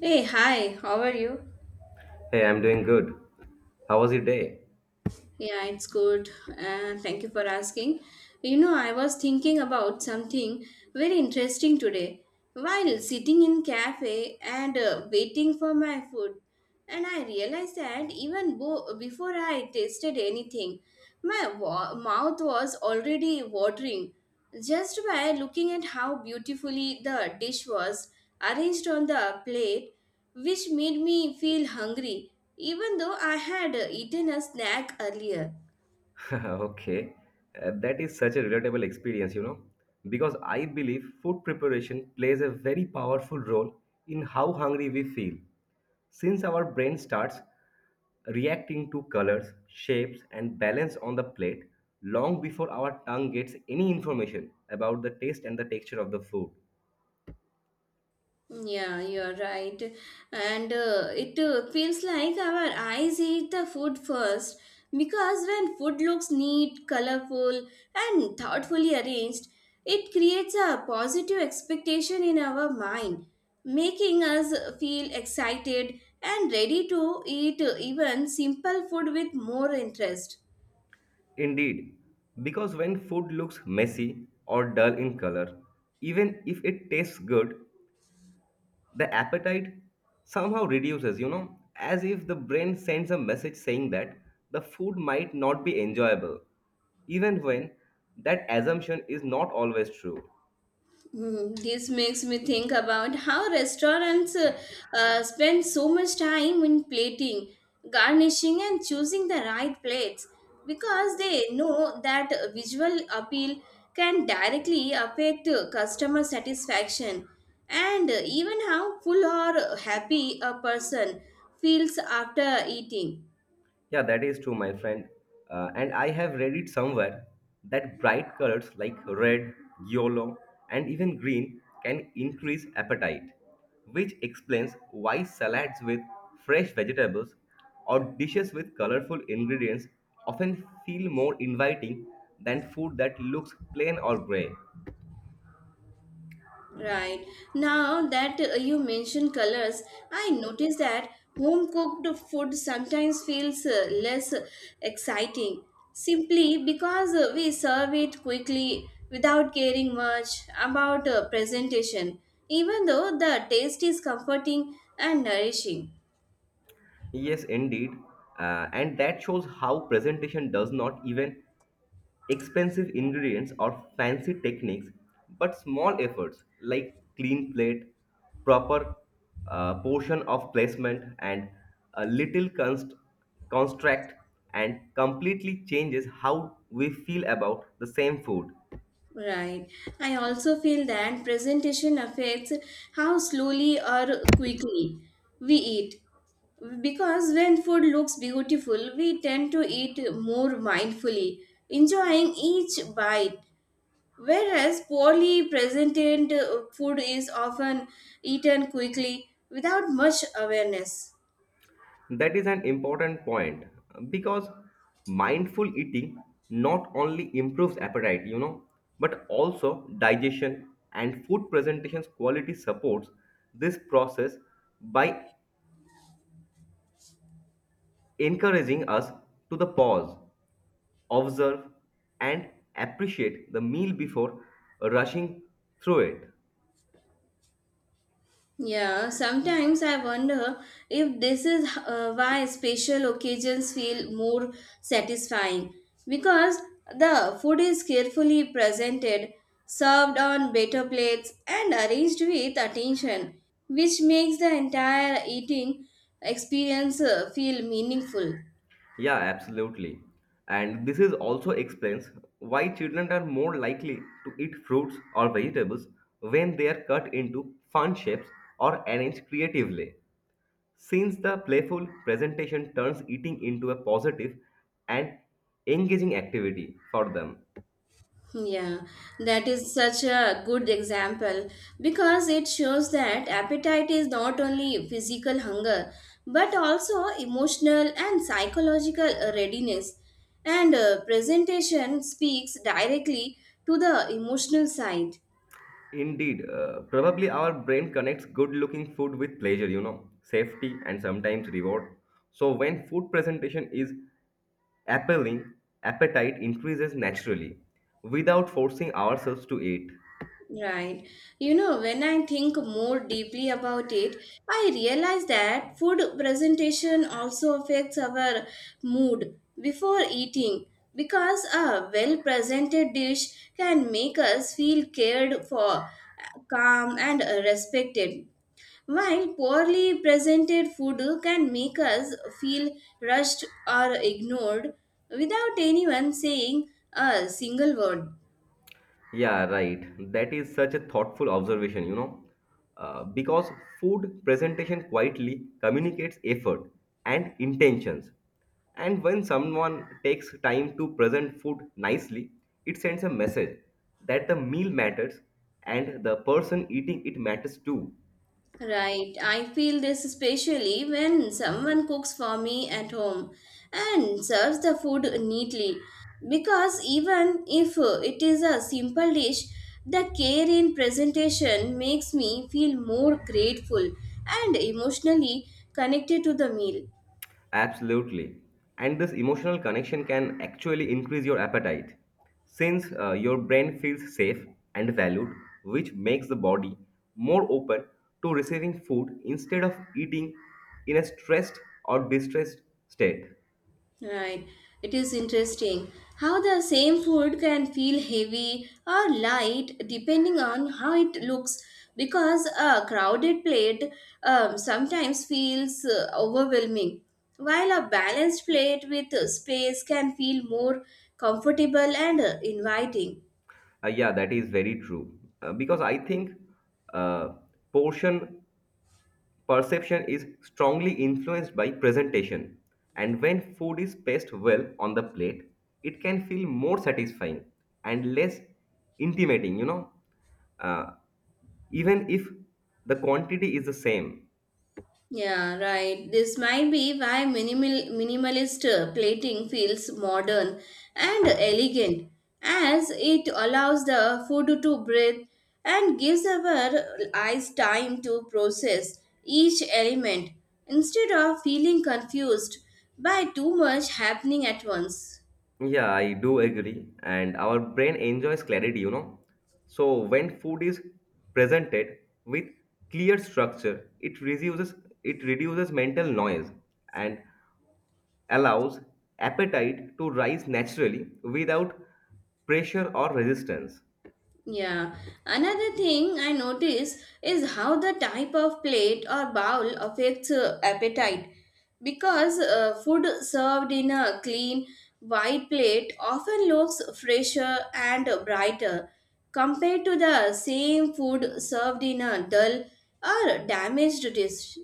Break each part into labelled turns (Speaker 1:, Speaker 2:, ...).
Speaker 1: Hey, hi, how are you?
Speaker 2: Hey, I'm doing good. How was your day?
Speaker 1: Yeah, it's good. Thank you for asking. You know, I was thinking about something very interesting today while sitting in cafe and waiting for my food. And I realized that even before I tasted anything, mouth was already watering. Just by looking at how beautifully the dish was arranged on the plate, which made me feel hungry, even though I had eaten a snack earlier.
Speaker 2: Okay. That is such a relatable experience, because I believe food preparation plays a very powerful role in how hungry we feel. Since our brain starts reacting to colors, shapes, and balance on the plate long before our tongue gets any information about the taste and the texture of the food.
Speaker 1: Yeah, you're right. And it feels like our eyes eat the food first because when food looks neat, colorful, and thoughtfully arranged, it creates a positive expectation in our mind, making us feel excited and ready to eat even simple food with more interest.
Speaker 2: Indeed, because when food looks messy or dull in color, even if it tastes good, the appetite somehow reduces, as if the brain sends a message saying that the food might not be enjoyable, even when that assumption is not always true.
Speaker 1: Hmm, this makes me think about how restaurants spend so much time in plating, garnishing, and choosing the right plates because they know that visual appeal can directly affect customer satisfaction and even how full or happy a person feels after eating.
Speaker 2: Yeah, that is true, my friend. And I have read it somewhere that bright colors like red, yellow, and even green can increase appetite, which explains why salads with fresh vegetables or dishes with colorful ingredients often feel more inviting than food that looks plain or gray.
Speaker 1: Right. Now that you mention colors, I notice that home cooked food sometimes feels less exciting simply because we serve it quickly without caring much about presentation, even though the taste is comforting and nourishing.
Speaker 2: Yes, indeed. And that shows how presentation does not even expensive ingredients or fancy techniques, but small efforts like clean plate, proper portion of placement, and a little construct and completely changes how we feel about the same food.
Speaker 1: Right. I also feel that presentation affects how slowly or quickly we eat. Because when food looks beautiful, we tend to eat more mindfully, enjoying each bite. Whereas poorly presented food is often eaten quickly without much awareness.
Speaker 2: That is an important point because mindful eating not only improves appetite, but also digestion and food presentations quality supports this process by encouraging us to the pause, observe, and appreciate the meal before rushing through it.
Speaker 1: Yeah, sometimes I wonder if this is why special occasions feel more satisfying because the food is carefully presented, served on better plates, and arranged with attention, which makes the entire eating experience feel meaningful.
Speaker 2: Yeah, absolutely. And this is also explains why children are more likely to eat fruits or vegetables when they are cut into fun shapes or arranged creatively. Since the playful presentation turns eating into a positive and engaging activity for them.
Speaker 1: Yeah, that is such a good example because it shows that appetite is not only physical hunger but also emotional and psychological readiness. And presentation speaks directly to the emotional side.
Speaker 2: Indeed, probably our brain connects good looking food with pleasure, safety and sometimes reward. So when food presentation is appealing, appetite increases naturally without forcing ourselves to eat.
Speaker 1: Right. You know, when I think more deeply about it, I realize that food presentation also affects our mood before eating because a well presented dish can make us feel cared for, calm, and respected. While poorly presented food can make us feel rushed or ignored without anyone saying a single word.
Speaker 2: Yeah, right. That is such a thoughtful observation, because food presentation quietly communicates effort and intentions. And when someone takes time to present food nicely, it sends a message that the meal matters and the person eating it matters too.
Speaker 1: Right, I feel this especially when someone cooks for me at home and serves the food neatly. Because even if it is a simple dish, the care in presentation makes me feel more grateful and emotionally connected to the meal.
Speaker 2: Absolutely. And this emotional connection can actually increase your appetite since your brain feels safe and valued, which makes the body more open to receiving food instead of eating in a stressed or distressed state.
Speaker 1: Right. It is interesting how the same food can feel heavy or light depending on how it looks because a crowded plate sometimes feels overwhelming, while a balanced plate with space can feel more comfortable and inviting.
Speaker 2: Yeah, that is very true. Because I think uh, portion perception is strongly influenced by presentation, and when food is placed well on the plate, it can feel more satisfying and less intimidating, uh, even if the quantity is the same.
Speaker 1: Yeah, right. This might be why minimalist plating feels modern and elegant, as it allows the food to breathe and gives our eyes time to process each element instead of feeling confused by too much happening at once.
Speaker 2: Yeah, I do agree, and our brain enjoys clarity. So, when food is presented with clear structure, it reduces mental noise and allows appetite to rise naturally without pressure or resistance.
Speaker 1: Yeah, another thing I notice is how the type of plate or bowl affects appetite. Because food served in a clean, white plate often looks fresher and brighter compared to the same food served in a dull or damaged dish.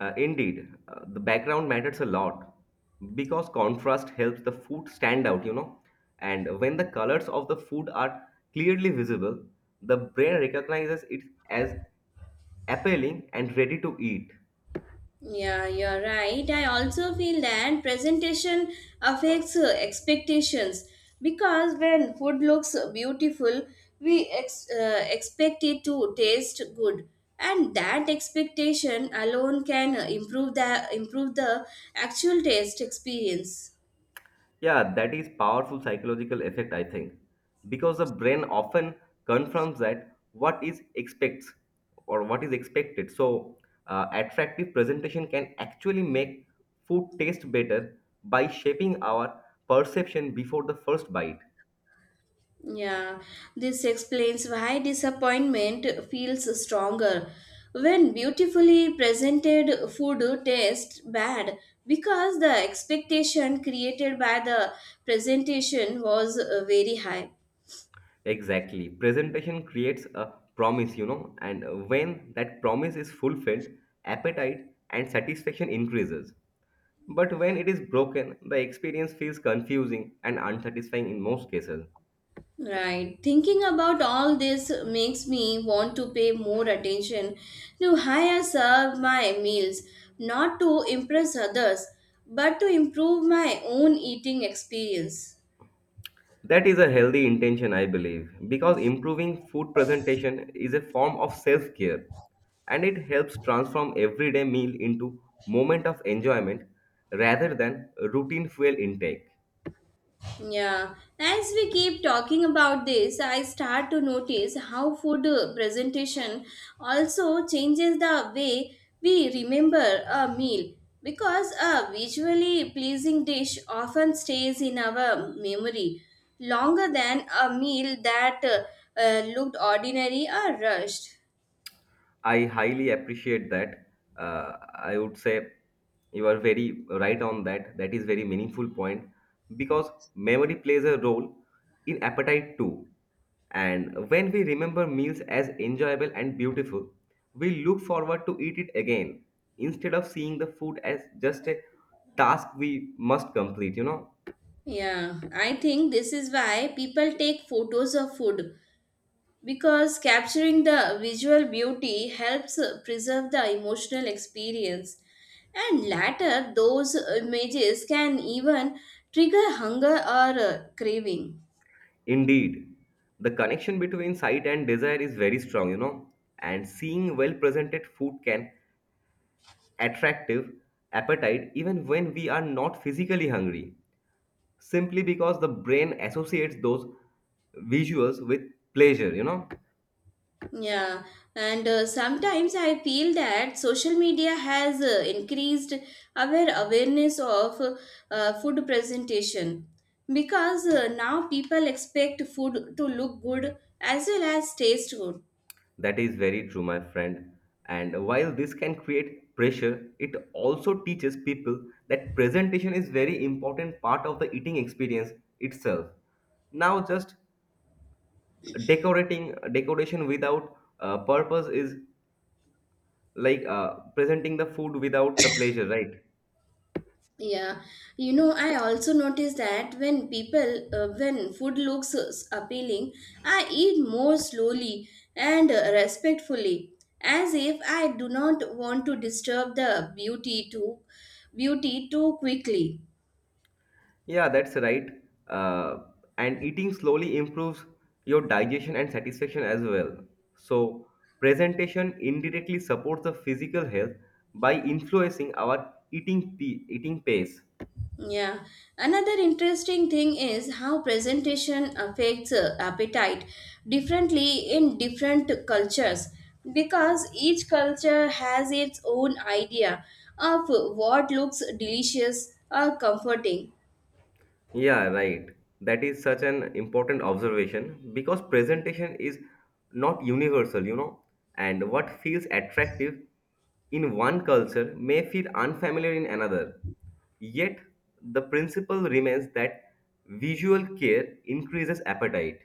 Speaker 2: Indeed, the background matters a lot because contrast helps the food stand out. And when the colors of the food are clearly visible, the brain recognizes it as appealing and ready to eat.
Speaker 1: Yeah, you're right. I also feel that presentation affects expectations because when food looks beautiful, expect it to taste good, and that expectation alone can improve the actual taste experience.
Speaker 2: Yeah, that is powerful psychological effect, I think, because the brain often confirms that what is expects or what is expected. So, attractive presentation can actually make food taste better by shaping our perception before the first bite.
Speaker 1: Yeah, this explains why disappointment feels stronger. When beautifully presented food tastes bad because the expectation created by the presentation was very high.
Speaker 2: Exactly, presentation creates a promise, and when that promise is fulfilled, appetite and satisfaction increases. But when it is broken, the experience feels confusing and unsatisfying in most cases.
Speaker 1: Right. Thinking about all this makes me want to pay more attention to how I serve my meals, not to impress others, but to improve my own eating experience.
Speaker 2: That is a healthy intention, I believe, because improving food presentation is a form of self care and it helps transform everyday meal into moment of enjoyment rather than routine fuel intake.
Speaker 1: Yeah, as we keep talking about this, I start to notice how food presentation also changes the way we remember a meal because a visually pleasing dish often stays in our memory longer than a meal that looked ordinary or rushed.
Speaker 2: I highly appreciate that. I would say you are very right on that. That is very meaningful point because memory plays a role in appetite too. And when we remember meals as enjoyable and beautiful, we look forward to eat it again instead of seeing the food as just a task we must complete.
Speaker 1: Yeah, I think this is why people take photos of food because capturing the visual beauty helps preserve the emotional experience and later those images can even trigger hunger or craving.
Speaker 2: Indeed, the connection between sight and desire is very strong, and seeing well presented food can attractive appetite even when we are not physically hungry, simply because the brain associates those visuals with pleasure.
Speaker 1: Yeah, and sometimes I feel that social media has increased our awareness of food presentation because now people expect food to look good as well as taste good.
Speaker 2: That is very true, my friend. And while this can create pressure, it also teaches people that presentation is very important part of the eating experience itself. Now, just decorating decoration without purpose is like presenting the food without the pleasure, right?
Speaker 1: Yeah, you know, I also notice that when food appealing, I eat more slowly and respectfully, as if I do not want to disturb the beauty too quickly.
Speaker 2: Yeah, that's right. Uh, and eating slowly improves your digestion and satisfaction as well. So, presentation indirectly supports the physical health by influencing our eating pace.
Speaker 1: Yeah. Another interesting thing is how presentation affects appetite differently in different cultures because each culture has its own idea of what looks delicious or comforting.
Speaker 2: Yeah, right. That is such an important observation because presentation is not universal, and what feels attractive in one culture may feel unfamiliar in another. Yet, the principle remains that visual care increases appetite.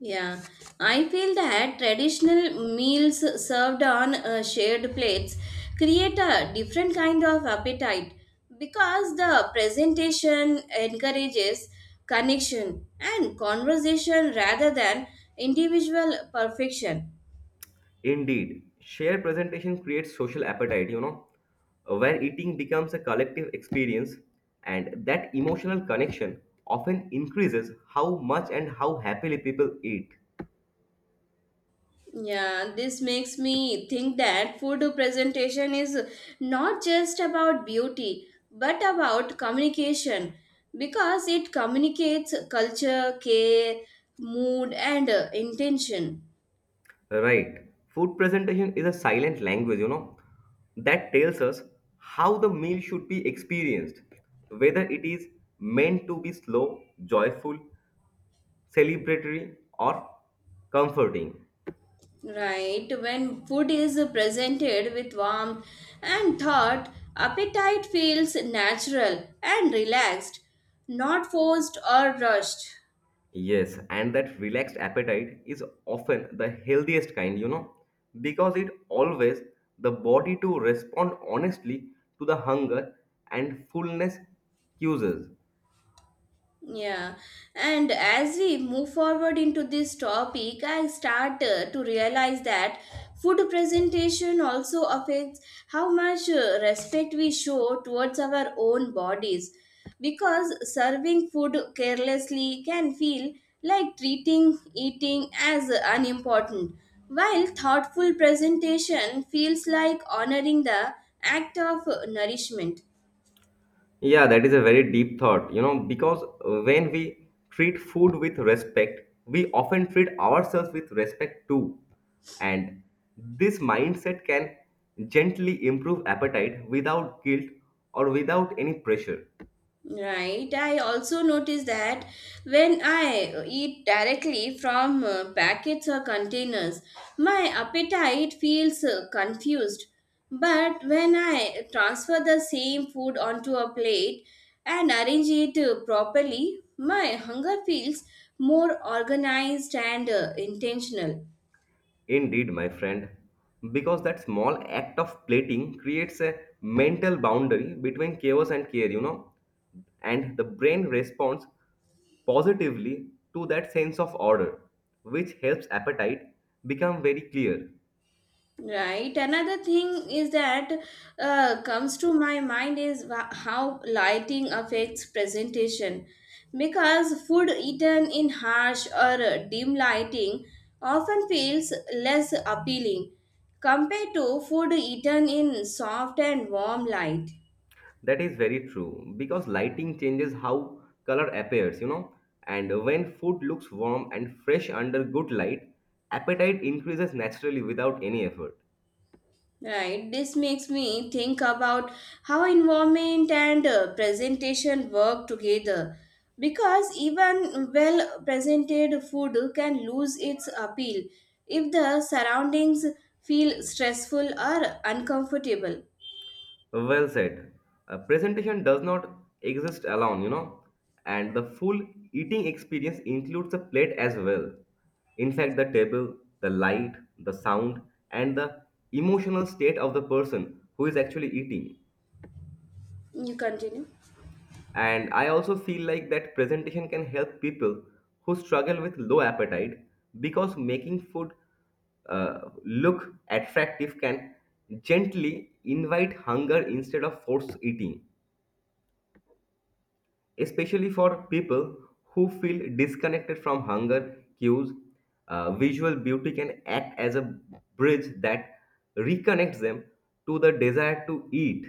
Speaker 1: Yeah, I feel that traditional meals served on shared plates create a different kind of appetite because the presentation encourages connection and conversation rather than individual perfection.
Speaker 2: Indeed, shared presentation creates social appetite, where eating becomes a collective experience, and that emotional connection often increases how much and how happily people eat.
Speaker 1: Yeah, this makes me think that food presentation is not just about beauty but about communication because it communicates culture, care, mood, and intention.
Speaker 2: Right. Food presentation is a silent language, that tells us how the meal should be experienced, whether it is meant to be slow, joyful, celebratory, or comforting.
Speaker 1: Right? When food is presented with warmth and thought, appetite feels natural and relaxed, not forced or rushed.
Speaker 2: Yes, and that relaxed appetite is often the healthiest kind, because it always the body to respond honestly to the hunger and fullness cues.
Speaker 1: Yeah, and as we move forward into this topic, I start to realize that food presentation also affects how much respect we show towards our own bodies. Because serving food carelessly can feel like treating eating as unimportant, while thoughtful presentation feels like honoring the act of nourishment.
Speaker 2: Yeah, that is a very deep thought, because when we treat food with respect, we often treat ourselves with respect too. And this mindset can gently improve appetite without guilt or without any pressure.
Speaker 1: Right. I also notice that when I eat directly from packets or containers, my appetite feels confused. But when I transfer the same food onto a plate and arrange it properly, my hunger feels more organized and intentional.
Speaker 2: Indeed, my friend, because that small act of plating creates a mental boundary between chaos and care, and the brain responds positively to that sense of order, which helps appetite become very clear.
Speaker 1: Right. Another thing is that comes to my mind is how lighting affects presentation. Because food eaten in harsh or dim lighting often feels less appealing compared to food eaten in soft and warm light.
Speaker 2: That is very true because lighting changes how color appears, and when food looks warm and fresh under good light, appetite increases naturally without any effort.
Speaker 1: Right, this makes me think about how environment and presentation work together because even well presented food can lose its appeal if the surroundings feel stressful or uncomfortable.
Speaker 2: Well said. A presentation does not exist alone, and the full eating experience includes a plate as well. In fact, the table, the light, the sound, and the emotional state of the person who is actually eating.
Speaker 1: You continue.
Speaker 2: And I also feel like that presentation can help people who struggle with low appetite because making food look attractive can gently invite hunger instead of force eating, especially for people who feel disconnected from hunger cues. Visual beauty can act as a bridge that reconnects them to the desire to eat.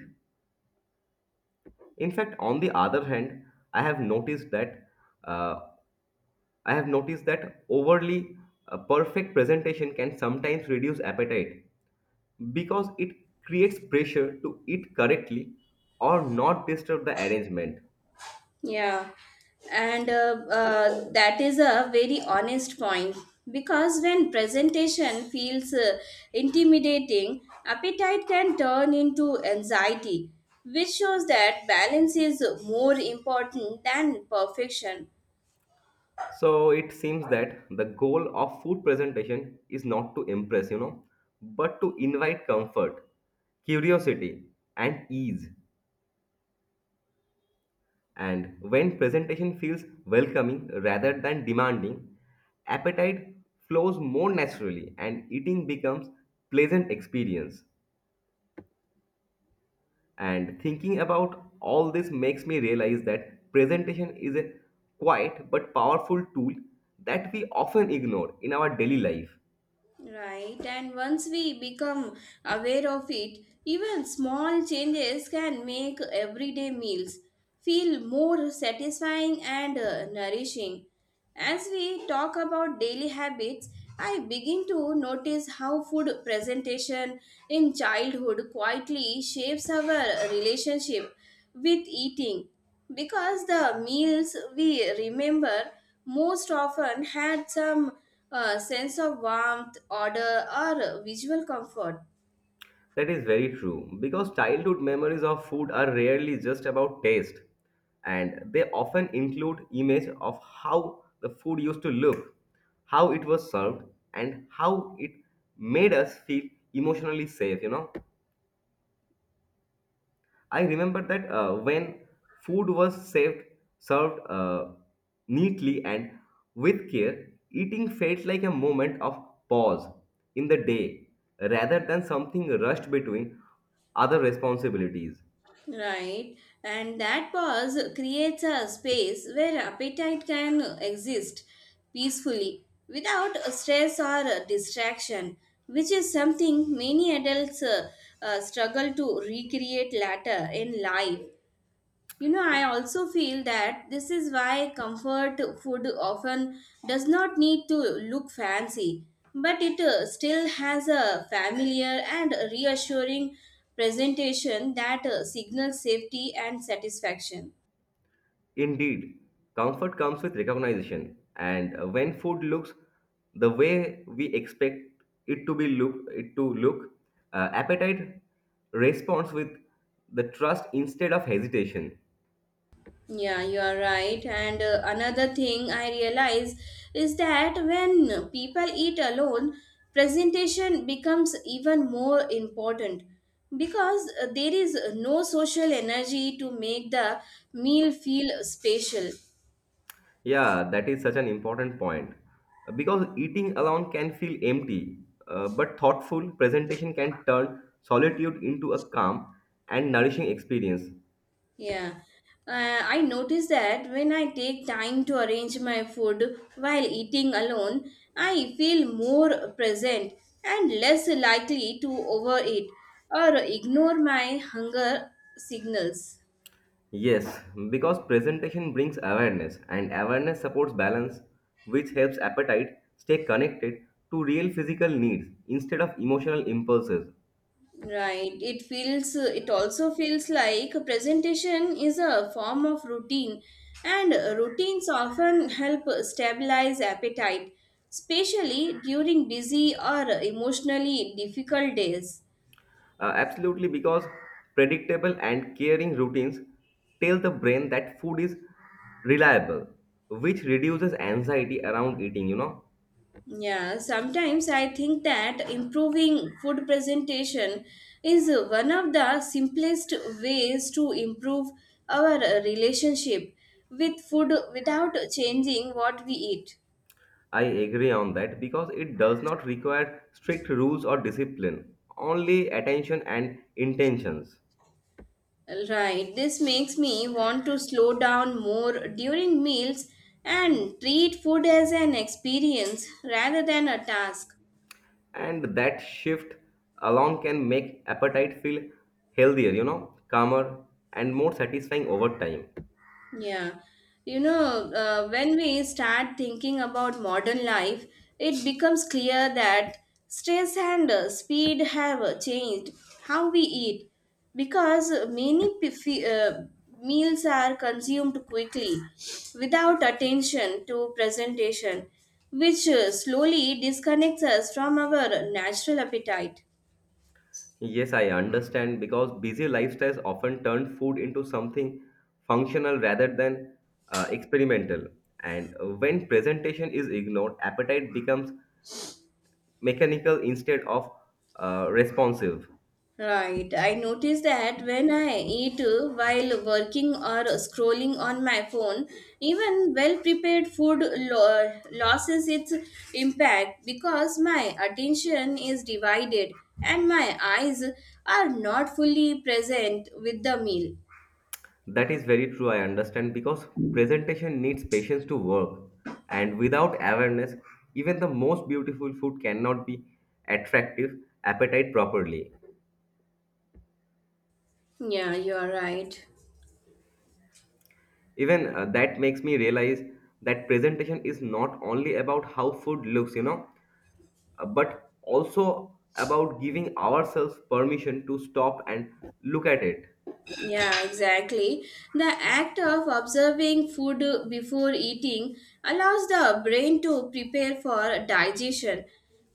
Speaker 2: In fact, on the other hand, I have noticed that uh, I have noticed that overly perfect presentation can sometimes reduce appetite because it creates pressure to eat correctly or not disturb the arrangement.
Speaker 1: Yeah, and that is a very honest point because when presentation feels intimidating, appetite can turn into anxiety, which shows that balance is more important than perfection.
Speaker 2: So it seems that the goal of food presentation is not to impress, but to invite comfort, curiosity, and ease. And when presentation feels welcoming rather than demanding, appetite flows more naturally and eating becomes pleasant experience. And thinking about all this makes me realize that presentation is a quiet but powerful tool that we often ignore in our daily life.
Speaker 1: Right, and once we become aware of it, even small changes can make everyday meals feel more satisfying and nourishing. As we talk about daily habits, I begin to notice how food presentation in childhood quietly shapes our relationship with eating because the meals we remember most often had some sense of warmth, order, or visual comfort.
Speaker 2: That is very true because childhood memories of food are rarely just about taste, and they often include image of how the food used to look, how it was served, and how it made us feel emotionally safe. I remember that when food was served neatly and with care, eating felt like a moment of pause in the day rather than something rushed between other responsibilities.
Speaker 1: Right, and that pause creates a space where appetite can exist peacefully without stress or distraction, which is something many adults struggle to recreate later in life. You know, I also feel that this is why comfort food often does not need to look fancy, but it still has a familiar and reassuring presentation that signals safety and satisfaction.
Speaker 2: Indeed, comfort comes with recognition, and when food looks the way we expect it to look, appetite responds with the trust instead of hesitation.
Speaker 1: Yeah, you are right. And another thing I realize is that when people eat alone, presentation becomes even more important because there is no social energy to make the meal feel special.
Speaker 2: Yeah, that is such an important point. Because eating alone can feel empty, but thoughtful presentation can turn solitude into a calm and nourishing experience.
Speaker 1: Yeah, I notice that when I take time to arrange my food while eating alone, I feel more present and less likely to overeat or ignore my hunger signals.
Speaker 2: Yes, because presentation brings awareness, and awareness supports balance, which helps appetite stay connected to real physical needs instead of emotional impulses.
Speaker 1: Right, it also feels like a presentation is a form of routine, and routines often help stabilize appetite, especially during busy or emotionally difficult days.
Speaker 2: Absolutely, because predictable and caring routines tell the brain that food is reliable, which reduces anxiety around eating.
Speaker 1: Yeah, sometimes I think that improving food presentation is one of the simplest ways to improve our relationship with food without changing what we eat.
Speaker 2: I agree on that because it does not require strict rules or discipline, only attention and intentions.
Speaker 1: Right, this makes me want to slow down more during meals and treat food as an experience rather than a task.
Speaker 2: And that shift alone can make appetite feel healthier, calmer and more satisfying over time.
Speaker 1: Yeah, you know, when we start thinking about modern life, it becomes clear that stress and speed have changed how we eat because meals are consumed quickly without attention to presentation, which slowly disconnects us from our natural appetite.
Speaker 2: Yes, I understand because busy lifestyles often turn food into something functional rather than experimental. And when presentation is ignored, appetite becomes mechanical instead of responsive.
Speaker 1: Right. I notice that when I eat while working or scrolling on my phone, even well prepared food loses its impact because my attention is divided and my eyes are not fully present with the meal.
Speaker 2: That is very true, I understand, because presentation needs patience to work. And without awareness, even the most beautiful food cannot be attractive appetite properly.
Speaker 1: Yeah, you're right.
Speaker 2: Even that makes me realize that presentation is not only about how food looks, but also about giving ourselves permission to stop and look at it.
Speaker 1: Yeah, exactly. The act of observing food before eating allows the brain to prepare for digestion,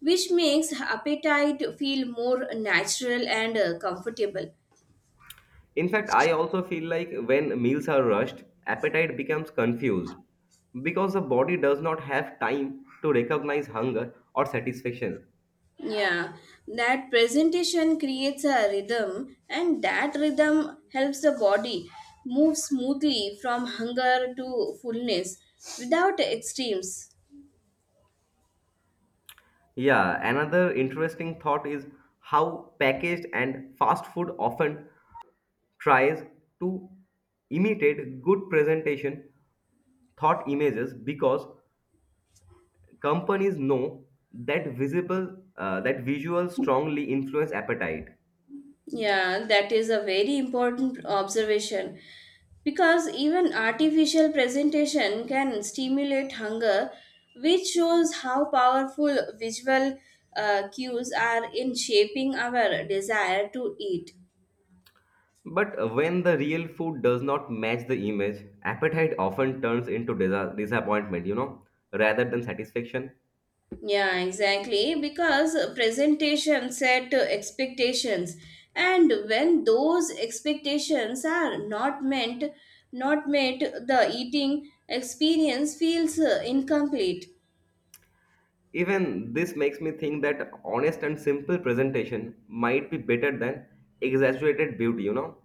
Speaker 1: which makes appetite feel more natural and comfortable.
Speaker 2: In fact, I also feel like when meals are rushed, appetite becomes confused because the body does not have time to recognize hunger or satisfaction.
Speaker 1: Yeah, that presentation creates a rhythm, and that rhythm helps the body move smoothly from hunger to fullness without extremes.
Speaker 2: Yeah, another interesting thought is how packaged and fast food often tries to imitate good presentation thought images because companies know that visible that visuals strongly influence appetite,
Speaker 1: Yeah, that is a very important observation because even artificial presentation can stimulate hunger, which shows how powerful visual cues are in shaping our desire to eat.
Speaker 2: but when the real food does not match the image, appetite often turns into disappointment, rather than satisfaction.
Speaker 1: Yeah, exactly. Because presentation set expectations, and when those expectations are not met, the eating experience feels incomplete.
Speaker 2: Even this makes me think that honest and simple presentation might be better than exaggerated beauty.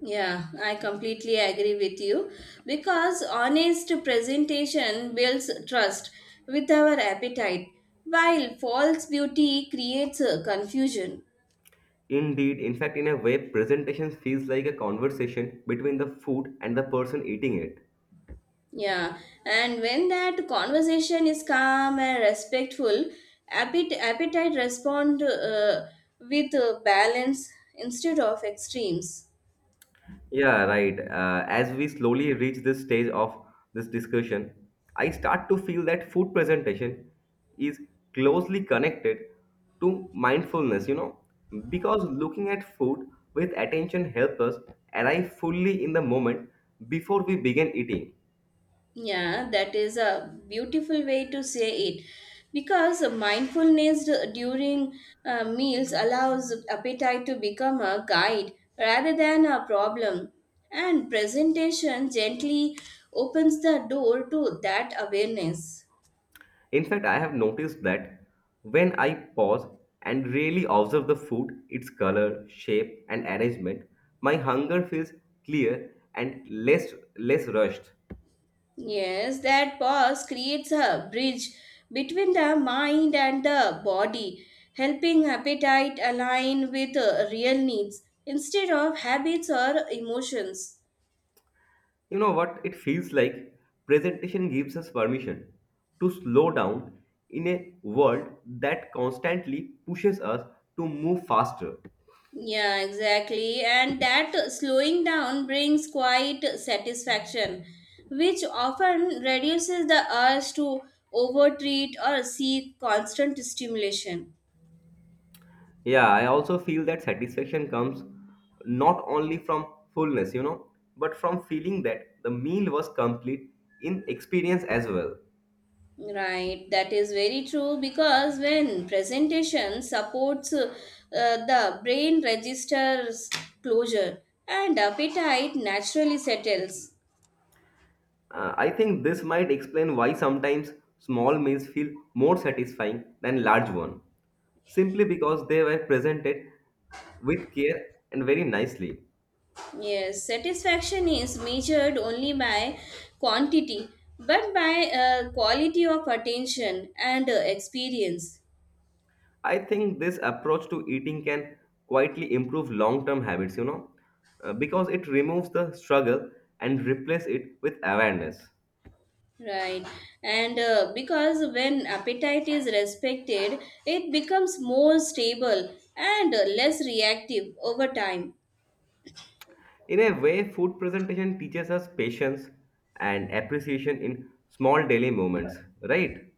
Speaker 1: Yeah, I completely agree with you because honest presentation builds trust with our appetite, while false beauty creates confusion.
Speaker 2: Indeed, in fact, in a way, presentation feels like a conversation between the food and the person eating it.
Speaker 1: Yeah, and when that conversation is calm and respectful, appetite respond with balance instead of extremes.
Speaker 2: Yeah, right. As we slowly reach this stage of this discussion, I start to feel that food presentation is closely connected to mindfulness, because looking at food with attention helps us arrive fully in the moment before we begin eating.
Speaker 1: Yeah, that is a beautiful way to say it. Because mindfulness during meals allows appetite to become a guide rather than a problem. And presentation gently opens the door to that awareness.
Speaker 2: In fact, I have noticed that when I pause and really observe the food, its color, shape, and arrangement, my hunger feels clear and less rushed.
Speaker 1: Yes, that pause creates a bridge between the mind and the body, helping appetite align with real needs instead of habits or emotions.
Speaker 2: You know what? It feels like presentation gives us permission to slow down in a world that constantly pushes us to move faster.
Speaker 1: Yeah, exactly. And that slowing down brings quite satisfaction, which often reduces the urge to overtreat or seek constant stimulation.
Speaker 2: Yeah, I also feel that satisfaction comes not only from fullness, but from feeling that the meal was complete in experience as well.
Speaker 1: Right, that is very true because when presentation supports the brain registers closure and appetite naturally settles.
Speaker 2: I think this might explain why sometimes small meals feel more satisfying than large one, simply because they were presented with care and very nicely.
Speaker 1: Yes, satisfaction is measured only by quantity, but by quality of attention and experience.
Speaker 2: I think this approach to eating can quietly improve long-term habits, because it removes the struggle and replaces it with awareness.
Speaker 1: Right, and because when appetite is respected, it becomes more stable and less reactive over time.
Speaker 2: In a way, food presentation teaches us patience and appreciation in small daily moments, right?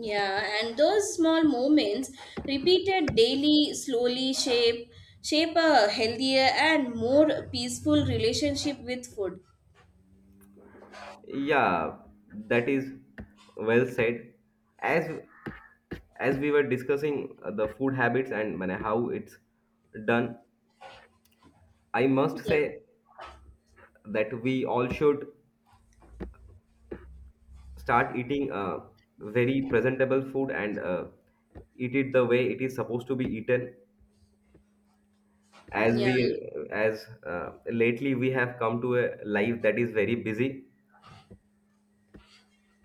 Speaker 1: Yeah, and those small moments, repeated daily, slowly shape shape a healthier and more peaceful relationship with food.
Speaker 2: Yeah, that is well said. As as we were discussing the food habits and how it's done, I must
Speaker 1: Yeah,
Speaker 2: say that we all should start eating very presentable food and eat it the way it is supposed to be eaten, as we
Speaker 1: yeah.
Speaker 2: as lately we have come to a life that is very busy.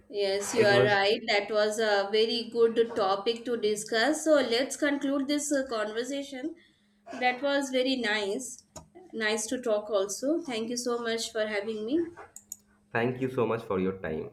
Speaker 1: Yes, you
Speaker 2: It
Speaker 1: are
Speaker 2: was
Speaker 1: right. That was a very good topic to discuss. So let's conclude this conversation. That was very nice. Nice to talk also. Thank you so much for having me.
Speaker 2: Thank you so much for your time.